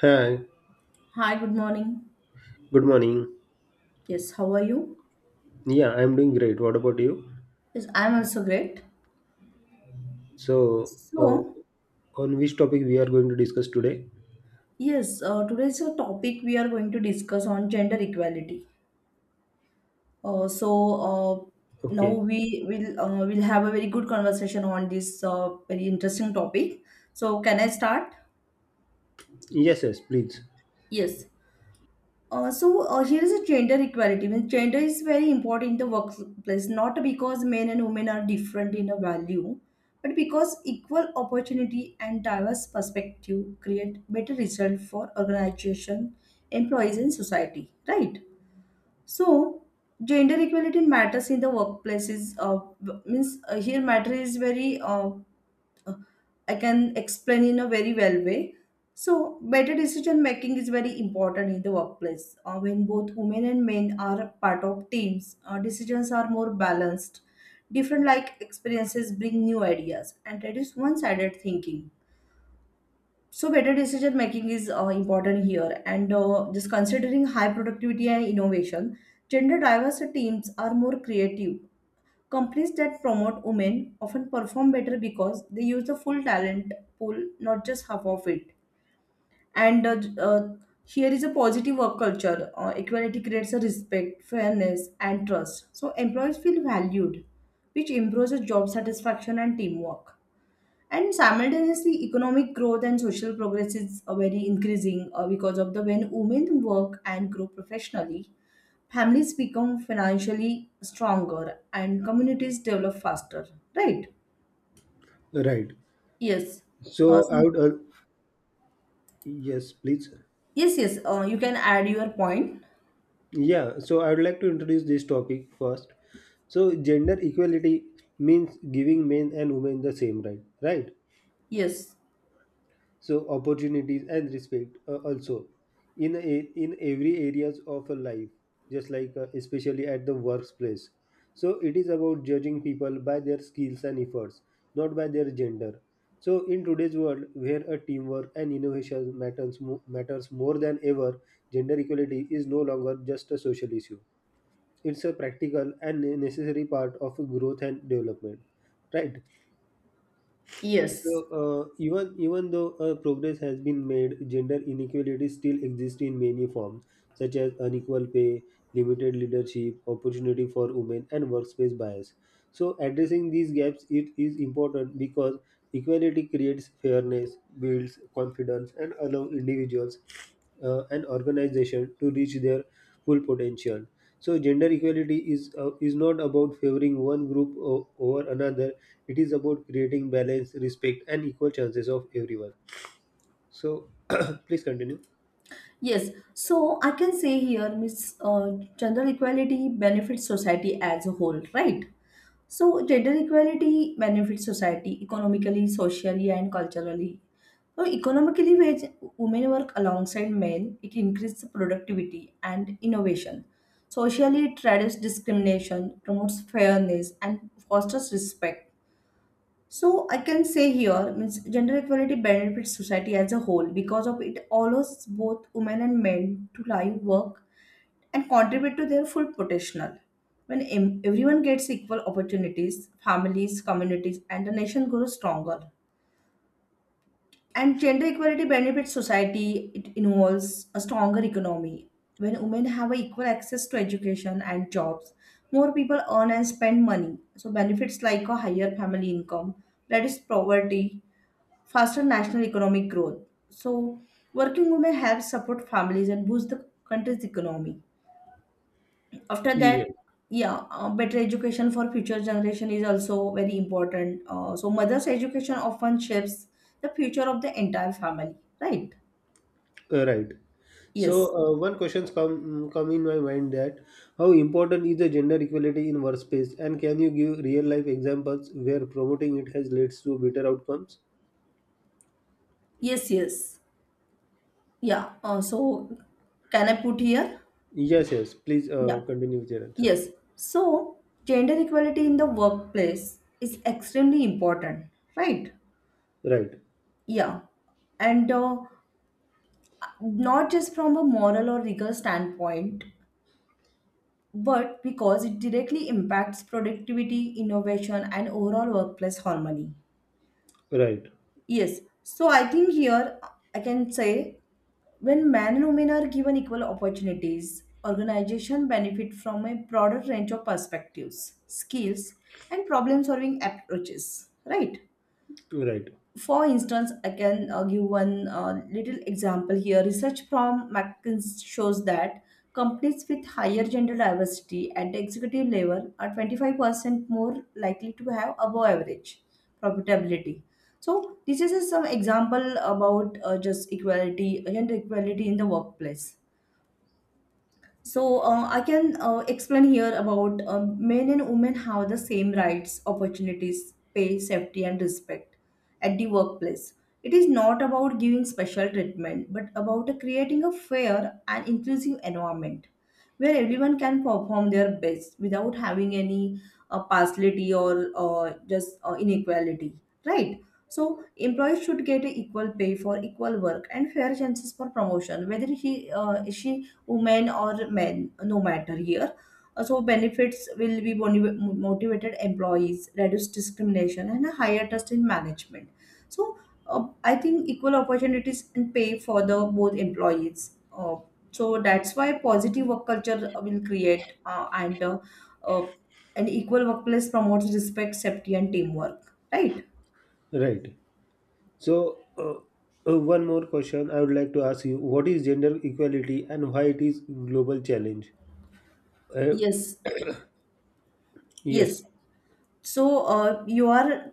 Hi, Hi, good morning. good morning. Yes, how are you? Yeah, I'm doing great. What about you? Yes, I'm also great. So, So, on which topic we are going to discuss today? yes, today's topic we are going to discuss on gender equality. Uh, so, uh, now Okay. we will have a very good conversation on this very interesting topic. So, can I start? Yes, yes, please. Yes. Here is a gender equality. Means gender is very important in the workplace, not because men and women are different in a value, but because equal opportunity and diverse perspective create better result for organization, employees, and society. Right. So gender equality matters in the workplaces. Means here matter is very I can explain in a very well way. So, better decision making is very important in the workplace. When both women and men are part of teams, decisions are more balanced. Different like experiences bring new ideas, and that is one-sided thinking. So, better decision making is important here. And just considering high productivity and innovation, gender diverse teams are more creative. Companies that promote women often perform better because they use the full talent pool, not just half of it. And Here is a positive work culture. Equality creates a respect, fairness, and trust. So employees feel valued, which improves the job satisfaction and teamwork, and simultaneously economic growth and social progress is very increasing because of the when women work and grow professionally, families become financially stronger and communities develop faster. Right. Right. Yes. uh, So, I so- would, yes, please. yes, yes, you can add your point. Yeah, so I would like to introduce this topic first. So, gender equality means giving men and women the same right, right? Yes, So opportunities and respect also in a, in every areas of a life, just like especially at the workplace. So it is about judging people by their skills and efforts, not by their gender. So in today's world, where a teamwork and innovation matters more than ever, gender equality is no longer just a social issue. It's a practical and necessary part of growth and development, right? So, yes. Even though progress has been made, gender inequalities still exist in many forms, such as unequal pay, limited leadership, opportunity for women, and workspace bias. So, addressing these gaps it is important because equality creates fairness, builds confidence, and allows individuals and organizations to reach their full potential. So gender equality is not about favoring over another. It is about creating balance, respect, and equal chances of everyone. So please continue. Yes, so I can say here, Miss, gender equality benefits society as a whole, right? So, gender equality benefits society economically, socially, and culturally. So, economically, where women work alongside men, it increases productivity and innovation. Socially, it reduces discrimination, promotes fairness, and fosters respect. So, I can say here, means gender equality benefits society as a whole because of it allows both women and men to live, work, and contribute to their full potential. When everyone gets equal opportunities, families, communities, and the nation grows stronger. And gender equality benefits society, it involves a stronger economy. When women have equal access to education and jobs, more people earn and spend money. So, benefits like a higher family income, reduced poverty, faster national economic growth. So, working women help support families and boost the country's economy. After that, Yeah, yeah, better education for future generation is also very important, so mother's education often shapes the future of the entire family, right? Right. So Yes. One questions come mm, come in my mind that how important is the gender equality in workspace, and can you give real life examples where promoting it has led to better outcomes? Yes. Yes. Yeah so can I put here? Yes, yes. Please Yeah. Continue with your answer. Yes. So gender equality in the workplace is extremely important, right? Right, Yeah. And not just from a moral or legal standpoint, but because it directly impacts productivity, innovation, and overall workplace harmony. right, Yes, so I think here I can say when men and women are given equal opportunities, organization benefit from a broader range of perspectives, skills, and problem solving approaches, right? right, For instance, I can give one little example here. Research from McKinsey shows that companies with higher gender diversity at the executive level are 25% more likely to have above average profitability. So, this is just some example about just equality, gender equality in the workplace. So, I can explain here about men and women have the same rights, opportunities, pay, safety, and respect at the workplace. It is not about giving special treatment, but about creating a fair and inclusive environment where everyone can perform their best without having any partiality or just inequality, right? So employees should get equal pay for equal work and fair chances for promotion, whether he she woman or man, no matter here. So benefits will be motivated employees, reduce discrimination, and a higher trust in management. So, I think equal opportunities and pay for the both employees. So that's why positive work culture will create and uh, an equal workplace promotes respect, safety, and teamwork. Right. right. So, one more question I would like to ask you: What is gender equality, and why it is global challenge? Uh, Yes. yes. Yes. So, you are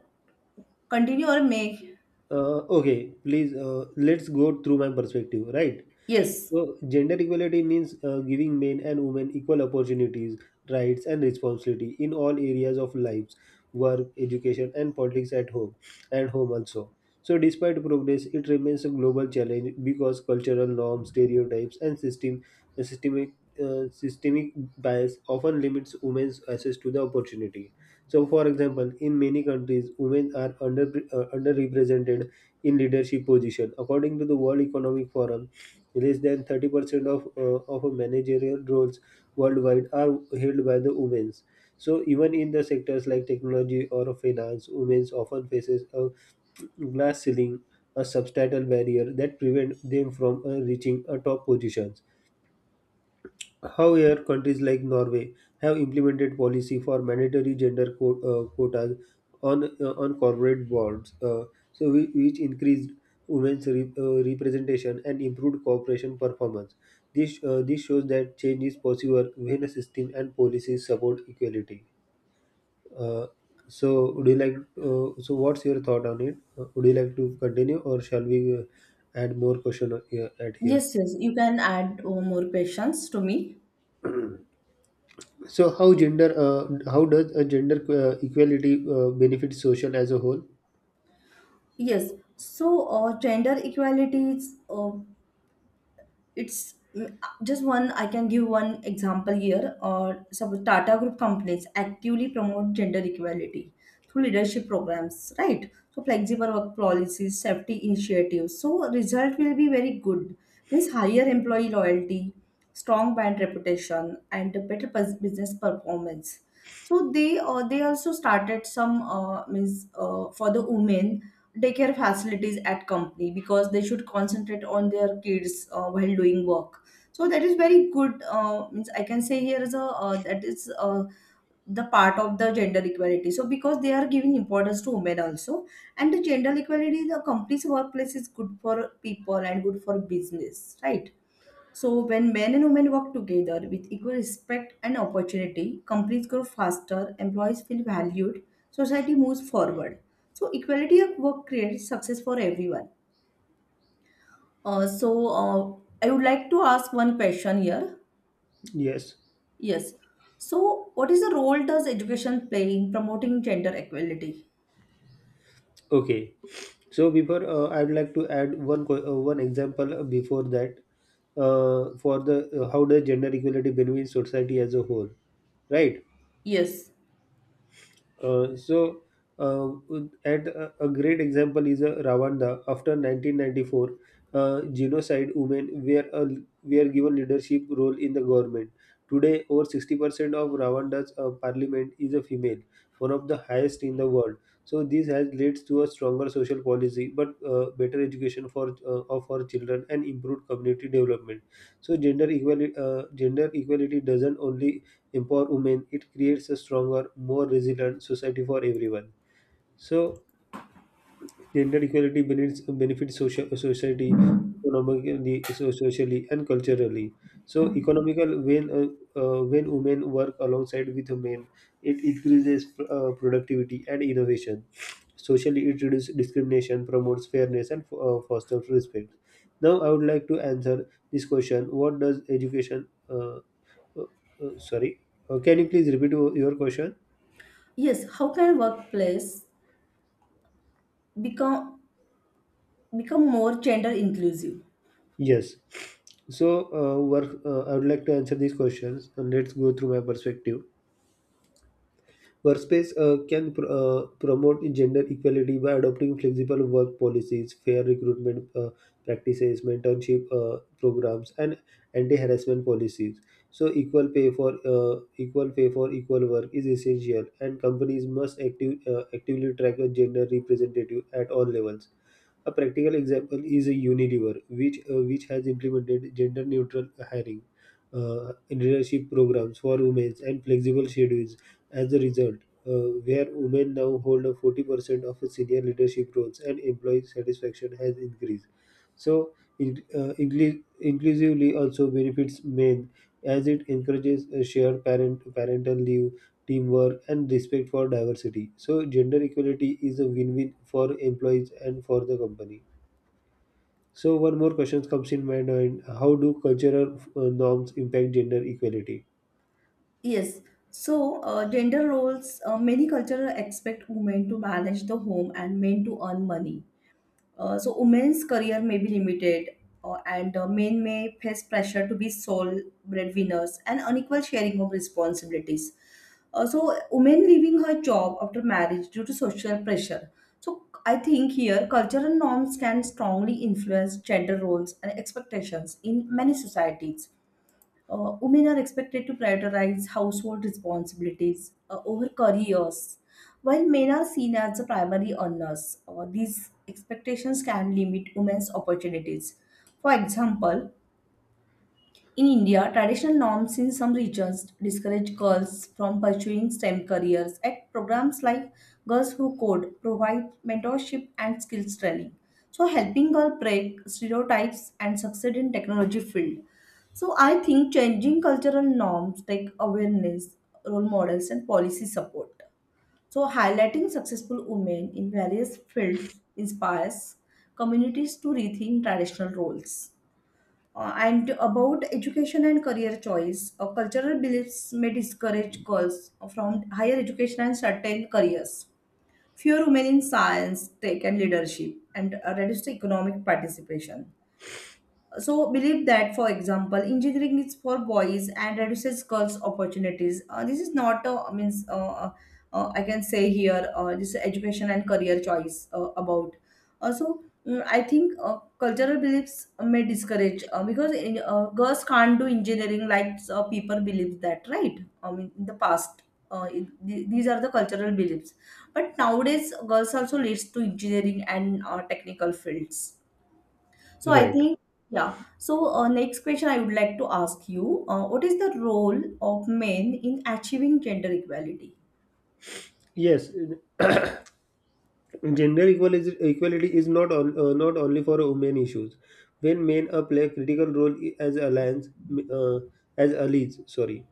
continue or make? Okay, please. Let's go through my perspective. Right. Yes. So, gender equality means giving men and women equal opportunities, rights, and responsibility in all areas of lives, work, education, and politics at home and home also. So, despite progress, it remains a global challenge because cultural norms, stereotypes, and uh, systemic systemic bias often limits women's access to the opportunity. So, for example, in many countries, women are under underrepresented in leadership position. According to the World Economic Forum, less than 30% of managerial roles worldwide are held by the women. So even in the sectors like technology or finance, women often faces a glass ceiling, a substantial barrier that prevent them from reaching a top position. However, countries like Norway have implemented policy for mandatory quotas on corporate boards, so which increased representation and improved corporation performance. This shows that change is possible when a system and policies support equality. Uh, so, would you like? So, what's your thought on it? Would you like to continue, or shall we add more question at here? Yes, yes, you can add more questions to me. So how gender how does a gender equality benefit social as a whole? Yes. So, gender equality is it's, mm, just one I can give one example here, or suppose Tata Group companies actively promote gender equality through leadership programs, right? So flexible work policies, safety initiatives, so result will be very good, means higher employee loyalty, strong brand reputation, and a better business performance. So they also started some, means, for the women, daycare facilities at company because they should concentrate on their kids while doing work. So that is very good. Means I can say here is a, that is. The part of the gender equality, so because they are giving importance to women also, and the gender equality, the company's workplace is good for people and good for business, right? So, when men and women work together with equal respect and opportunity, companies grow faster, employees feel valued, society moves forward. So, equality at work creates success for everyone. I would like to ask one question here. Yes. Yes. So, what is the role does education play in promoting gender equality? Okay. So before I would like to add one example before that, for the how does gender equality benefit society as a whole, right? Yes. Uh, so uh, at a great example is Rwanda after 1994 genocide, were given leadership role in the government. Today, over 60% of Rwanda's parliament is a female, one of the highest in the world. So this has leads to a stronger social policy, but better education for of our children and improved community development. So gender equality doesn't only empower women, it creates a stronger, more resilient society for everyone. So, benefits social, society economically, so socially, and culturally. So, economical when women work alongside with men, it increases productivity and innovation. Socially, it reduces discrimination, promotes fairness, and fosters respect. Now, I would like to answer this question: What does education uh, sorry. Can you please repeat your question? Yes. How can workplace become become more gender inclusive? Yes. So, work. I would like to answer these questions, and let's go through my perspective. Workspace promote gender equality by adopting flexible work policies, fair recruitment practices, mentorship programs, and anti-harassment policies. So, equal pay for equal work is essential, and companies must actively track a gender representative at all levels. A practical example is Unilever, which has implemented gender neutral hiring, leadership programs for women, and flexible schedules. As a result, where women now hold a 40% of the senior leadership roles, and employee satisfaction has increased. So, inclusively also benefits men as it encourages a shared parental leave, teamwork, and respect for diversity. So, gender equality is a win win for employees and for the company. So, one more question comes in my mind: How do cultural norms impact gender equality? Yes. So, gender roles, many cultures expect women to manage the home and men to earn money. So, women's career may be limited, and men may face pressure to be sole breadwinners and unequal sharing of responsibilities. So, women leaving her job after marriage due to social pressure. So, I think here cultural norms can strongly influence gender roles and expectations in many societies. Women are expected to prioritize household responsibilities over careers, while men are seen as the primary earners. These expectations can limit women's opportunities. For example, in India, traditional norms in some regions discourage girls from pursuing STEM careers. At programs like Girls Who Code provide mentorship and skills training. So helping girls break stereotypes and succeed in technology field. So I think changing cultural norms like awareness, role models and policy support. So highlighting successful women in various fields inspires communities to rethink traditional roles. And about education and career choice, cultural beliefs may discourage girls from higher education and certain careers. Fewer women in science, tech, and leadership, and reduced economic participation. So believe that, for example, engineering is for boys and reduces girls opportunities. This is not a, I means, uh, I can say here, this is education and career choice about also, mm, I think cultural beliefs may discourage, because, girls can't do engineering, like, people believe that, right, I mean, in the past. These are the cultural beliefs, but nowadays girls also leads to engineering and technical fields. So I Right. think, yeah. So, next question I would like to ask you, what is the role of men in achieving gender equality? Yes. Equality is not only for women issues. When men play a critical role as allies, sorry.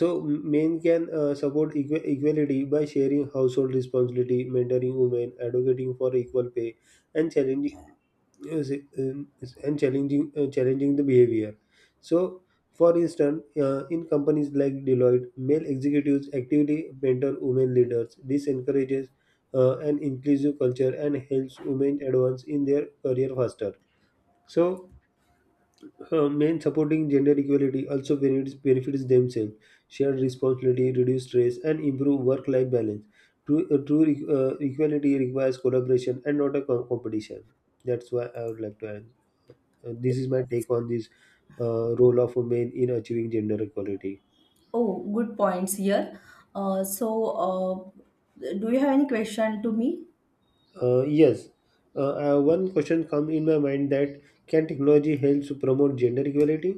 So men can equality by sharing household responsibility, mentoring women, advocating for equal pay, and challenging uh, s- um, challenging the behavior. So, for instance, in companies like Deloitte, male executives actively mentor women leaders. This encourages an inclusive culture and helps women advance in their career faster. So, men supporting gender equality also benefits themselves. Shared responsibility, reduce stress, and improve work-life balance. Equality requires collaboration and not a competition. That's why I would like to add. This is my take on this role of men in achieving gender equality. Oh, good points here. So, do you have any question to me? Yes, one question come in my mind that can technology help to promote gender equality?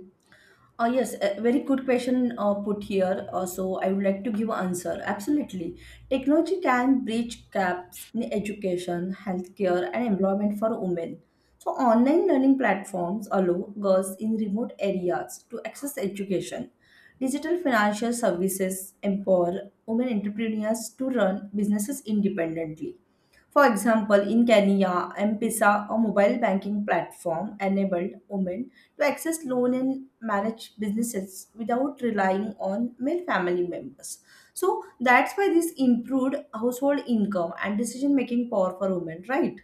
Yes, a very good question put here. So I would like to give answer. Absolutely. Technology can bridge gaps in education, healthcare, and employment for women. So online learning platforms allow girls in remote areas to access education. Digital financial services empower women entrepreneurs to run businesses independently. For example, in Kenya, M-Pesa, a mobile banking platform, enabled women to access loan and manage businesses without relying on male family members. So that's why this improved household income and decision making power for women, right?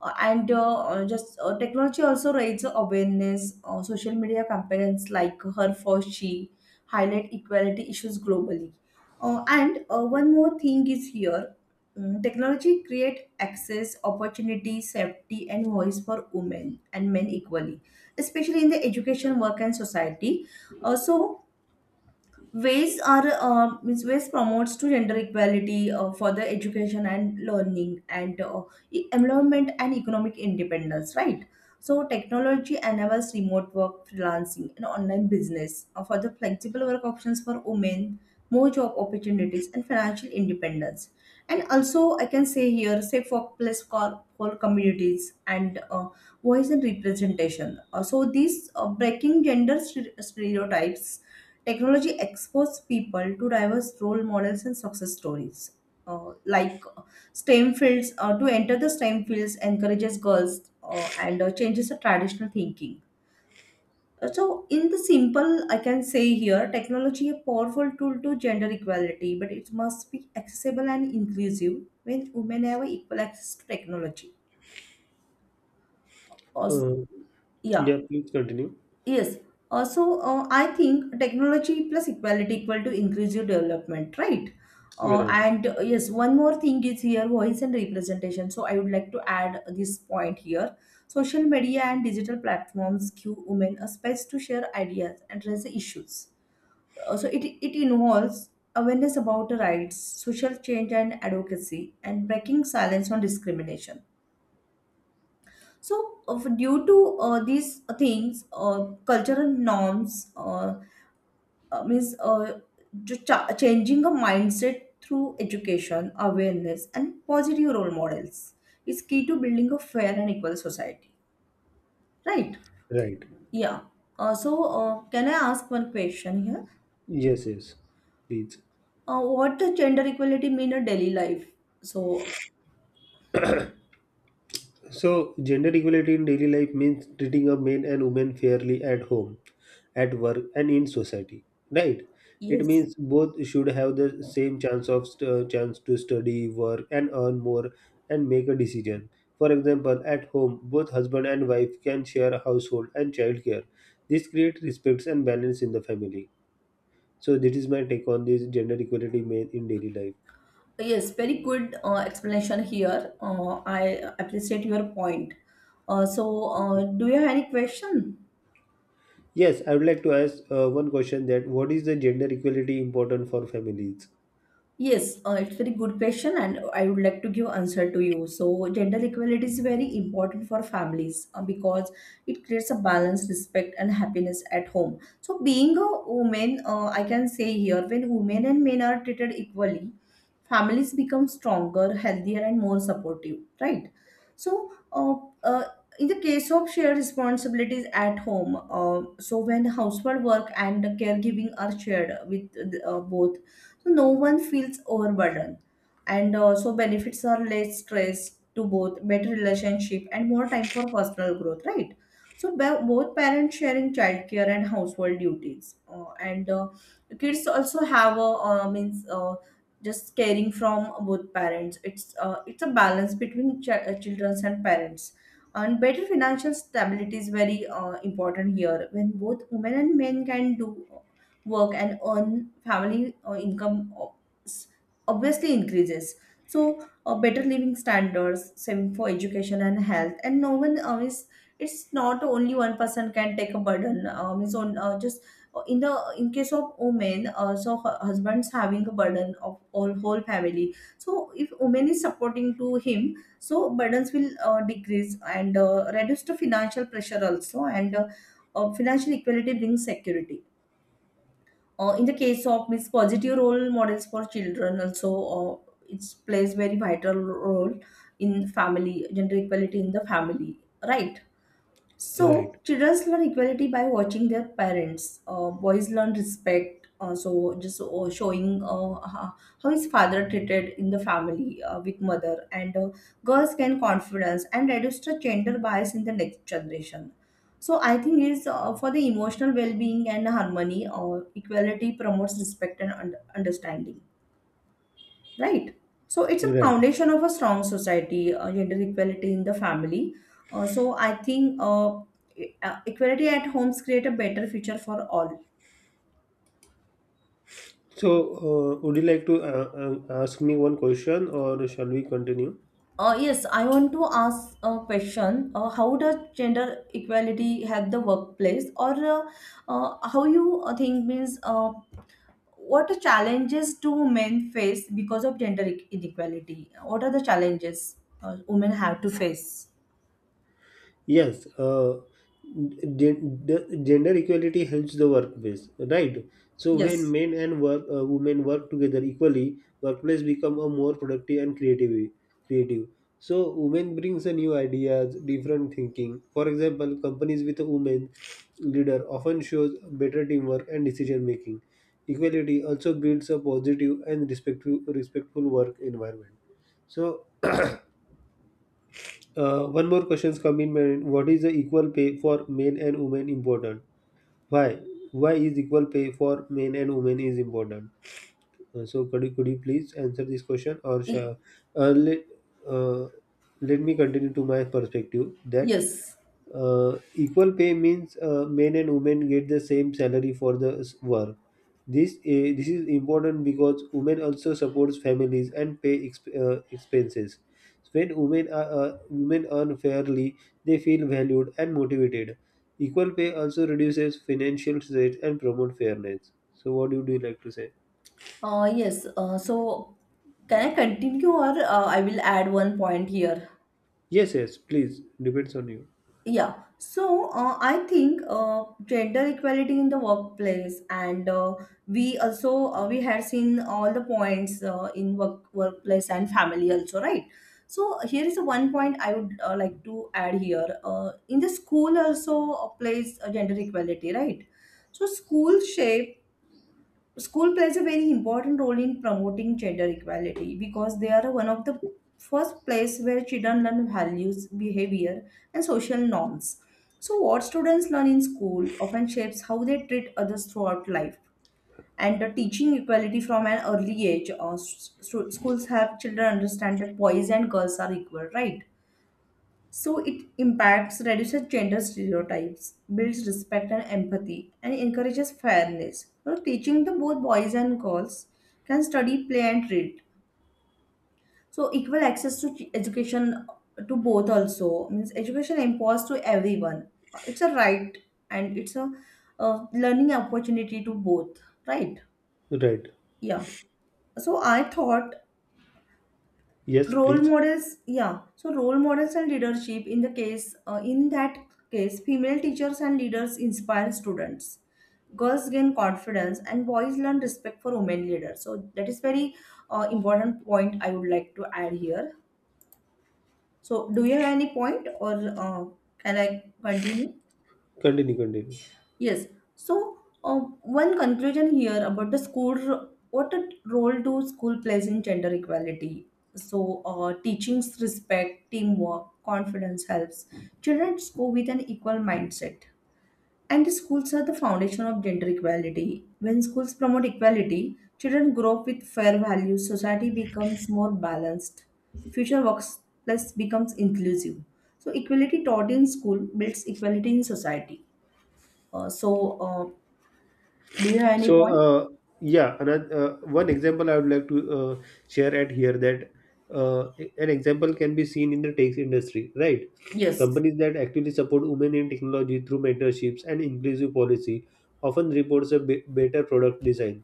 And just Technology also raises awareness. Social media campaigns like Her for She highlight equality issues globally. And One more thing is here. Mm, technology create access, opportunity, safety, and voice for women and men equally, especially in the education, work, and society. So ways are, means, ways promotes to gender equality for the education and learning and employment and economic independence, right? So technology enables remote work freelancing and online business, for the flexible work options for women, more job opportunities and financial independence. And also I can say here safe workplace for communities and voice and representation. So these breaking gender stereotypes, technology exposes people to diverse role models and success stories. Like STEM fields, to enter the STEM fields encourages girls and changes the traditional thinking. So, in the simple, I can say here, technology a powerful tool to gender equality, but it must be accessible and inclusive when women have equal access to technology. Also, Uh, yeah. yeah, please continue. Yes. Also, I think technology plus equality equal to inclusive development, right? You're right. And yes, one more thing is here voice and representation. So I would like to add this point here. Social media and digital platforms give women a space to share ideas and raise issues. It involves awareness about the rights, social change and advocacy, and breaking silence on discrimination. So, due to these things, cultural norms. Uh, means uh, Changing a mindset through education, awareness, and positive role models is key to building a fair and equal society. Right? Right. Yeah. Can I ask one question here? Yes, yes. Please. What does gender equality mean in daily life? So, So, gender equality in daily life means treating a men and women fairly at home, at work, and in society. Right? It yes, means both should have the same chance of st- chance to study, work, and earn more, and make a decision. For example, at home, both husband and wife can share a household and childcare. This creates respect and balance in the family. So, this is my take on this in daily life. yes, very good explanation here. I appreciate your point. Thank you. Do you have any question? Yes, I would like to ask one question: that what is the gender equality important for families? Yes, it's very good question, and I would like to give answer to you. So, gender equality is very important for families because it creates a balance, respect, and happiness at home. So, being a woman, I can say here when women and men are treated equally, families become stronger, healthier, and more supportive. Right. So, uh, uh, in the case of shared responsibilities at home, so when household work and caregiving are shared with both, so no one feels overburdened, and also benefits are less stress to both, better relationship and more time for personal growth, right. So both parents sharing childcare and household duties. And Kids also have a means just caring from both parents. It's a balance between children's and parents. And better financial stability is very important here when both women and men can do work and earn family income s- obviously increases. So better living standards, saving for education and health, and no one is, it's not only one person can take a burden is on just in the in case of women. So husband's having a burden of all whole family, so if woman is supporting to him so burdens will decrease and reduce the financial pressure also. And Financial equality brings security in the case of means positive role models for children also. It plays very vital role in family gender equality in the family, right. So Right, children learn equality by watching their parents. Boys learn respect. So just Showing how his father treated in the family with mother, and girls gain confidence and reduce the gender bias in the next generation. So I think is for the emotional well-being and harmony. Equality promotes respect and understanding, right. So it's a right. foundation of a strong society, gender equality in the family. So equality at homes create a better future for all. So, would you like to ask me one question, or shall we continue? Yes, I want to ask a question. How does gender equality help the workplace, or how you think means what are challenges do men face because of gender inequality, what are the challenges women have to face? Yes, the gender equality helps the workplace, right? So when Yes. men and work, women work together equally, workplace become a more productive and creative. Creative. So women brings a new ideas, different thinking. For example, companies with a woman leader often shows better teamwork and decision making. Equality also builds a positive and respectful work environment. So one more question's come in mind. What is the equal pay for men and women important? Why? Why is equal pay for men and women is important? Could you please answer this question, or E- shall, uh, let, uh, let me continue to my perspective that yes. Equal pay means men and women get the same salary for the work. This is important because women also supports families and pay expenses. So, when women earn fairly, they feel valued and motivated. Equal pay also reduces financial stress and promote fairness. So, what would you like to say? Yes, so, can I continue or I will add one point here? Yes, yes, please. Depends on you. Yeah, so I think gender equality in the workplace, and we also we had seen all the points in work workplace and family also, right? So here is one point I would like to add here. In the school also plays gender equality, right? So school shape School plays a very important role in promoting gender equality because they are one of the first place where children learn values, behavior, and social norms. So what students learn in school often shapes how they treat others throughout life. And the teaching equality from an early age, schools help children understand that boys and girls are equal, right? So it impacts, reduces gender stereotypes, builds respect and empathy, and encourages fairness. So teaching the both boys and girls can study, play, and read. So equal access to education to both also means education imposed to everyone. It's a right, and it's a learning opportunity to both. Right? Right. Yeah. So I thought Yes, role please. models, yeah. So role models and leadership in the case, in that case, female teachers and leaders inspire students. Girls gain confidence and boys learn respect for women leaders. So that is very important point I would like to add here. So do you have any point, or can I continue? Continue, continue. Yes. So, one conclusion here about the school what a role do school plays in gender equality? So, teachings respect, teamwork, confidence helps. Children go with an equal mindset. And the schools are the foundation of gender equality. When schools promote equality, children grow up with fair values, society becomes more balanced, future workplace becomes inclusive. So, equality taught in school builds equality in society. Uh, so, uh, do you have any So point? uh, yeah, another, one example I would like to share at here that uh, an example can be seen in the tech industry, right? Yes, Companies that actively support women in technology through mentorships and inclusive policy often reports a better product design.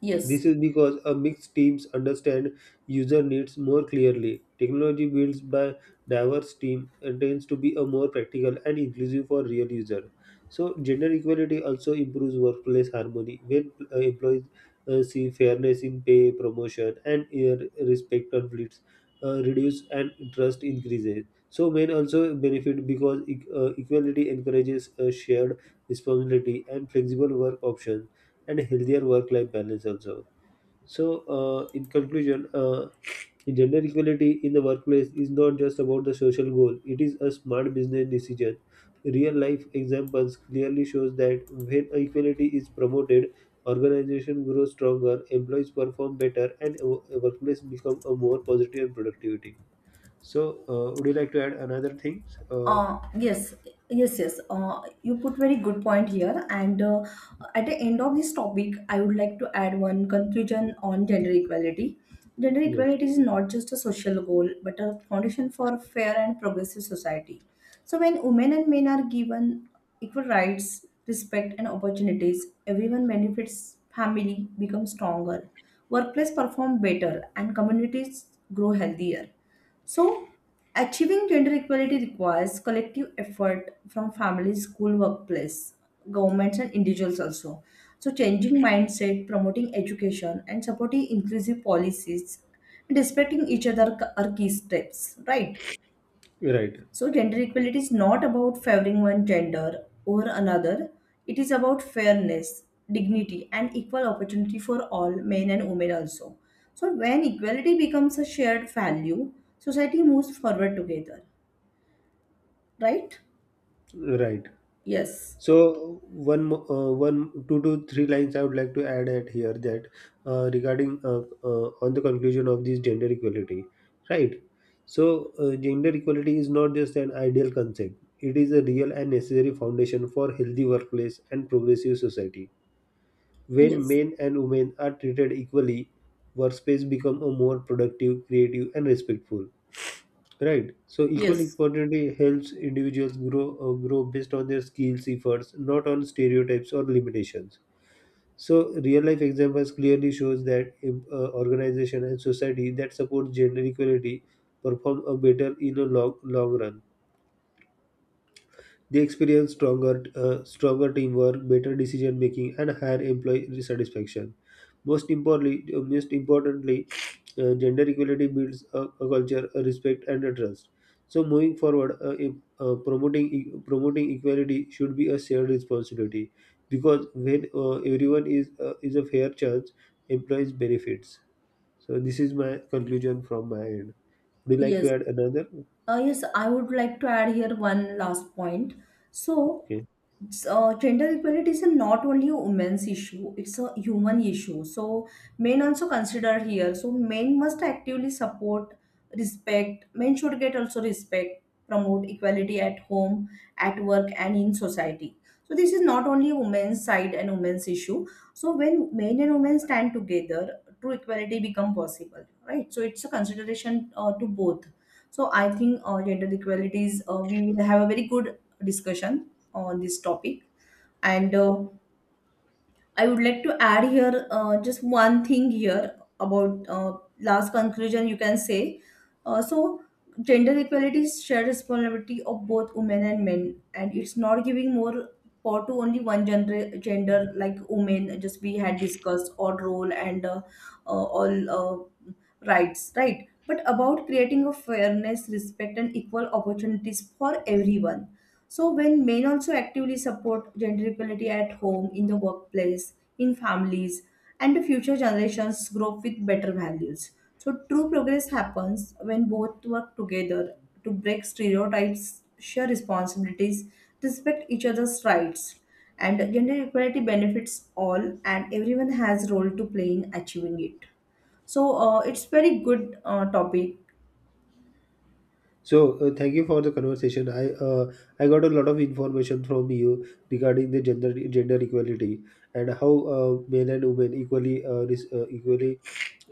yes. This is because a mixed teams understand user needs more clearly. Technology built by diverse team tends to be a more practical and inclusive for real user. So gender equality also improves workplace harmony when employees see fairness in pay, promotion, and respect. Conflicts reduce and trust increases. So men also benefit because equality encourages shared responsibility and flexible work options, and healthier work-life balance also. So, in conclusion, gender equality in the workplace is not just about the social goal; it is a smart business decision. Real life examples clearly shows that when equality is promoted, organization grows stronger, employees perform better, and a workplace become a more positive and productivity. So, would you like to add another thing? Uh, Uh, yes, yes. You put very good point here. And At the end of this topic, I would like to add one conclusion on gender equality. Gender yes, equality is not just a social goal, but a foundation for a fair and progressive society. So when women and men are given equal rights, respect, and opportunities, everyone benefits. Family becomes stronger, workplace perform better, and communities grow healthier. So, achieving gender equality requires collective effort from families, school, workplace, governments, and individuals also. So, changing mindset, promoting education, and supporting inclusive policies, and respecting each other are key steps, right? right, So, gender equality is not about favoring one gender over another. It is about fairness, dignity, and equal opportunity for all men and women also. So, when equality becomes a shared value, society moves forward together, right? right. Yes, So one, two to three lines I would like to add at here that regarding on the conclusion of this gender equality, right? So gender equality is not just an ideal concept; it is a real and necessary foundation for healthy workplace and progressive society. When yes, men and women are treated equally, workspace become a more productive, creative, and respectful. Right. So equal yes, opportunity helps individuals grow based on their skills, efforts, not on stereotypes or limitations. So real life examples clearly shows that organization and society that support gender equality perform a better in a long long run. They experience stronger teamwork, better decision making, and higher employee satisfaction. Most importantly, gender equality builds a culture, a respect, and a trust. So, moving forward, if, promoting e- promoting equality should be a shared responsibility, because when everyone is a fair chance, employees benefits. So, this is my conclusion from my end. Would you like to yes. add another? Yes, I would like to add here one last point. So, Okay. Gender equality is a not only a women's issue, it's a human issue. So, men also consider here. So, men must actively support, respect. Men should get also respect, promote equality at home, at work, and in society. So, this is not only a women's side and women's issue. So, when men and women stand together, true equality become possible, right? So, it's a consideration to both. So I think gender equalities, we will have a very good discussion on this topic. And I would like to add here just one thing here about last conclusion you can say. So, gender equality is shared responsibility of both women and men, and it's not giving more power to only one gender, gender like women, just we had discussed, or role and all rights, right? But about creating a fairness, respect, and equal opportunities for everyone. So, when men also actively support gender equality at home, in the workplace, in families, and the future generations grow up with better values. So, true progress happens when both work together to break stereotypes, share responsibilities, respect each other's rights. And gender equality benefits all, and everyone has role to play in achieving it. So, it's very good topic. So, thank you for the conversation. I got a lot of information from you regarding the gender equality and how men and women equally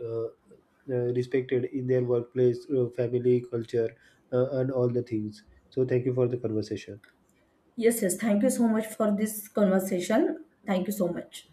uh, respected in their workplace, family, culture, and all the things. So, thank you for the conversation. Yes, yes. Thank you so much for this conversation. Thank you so much.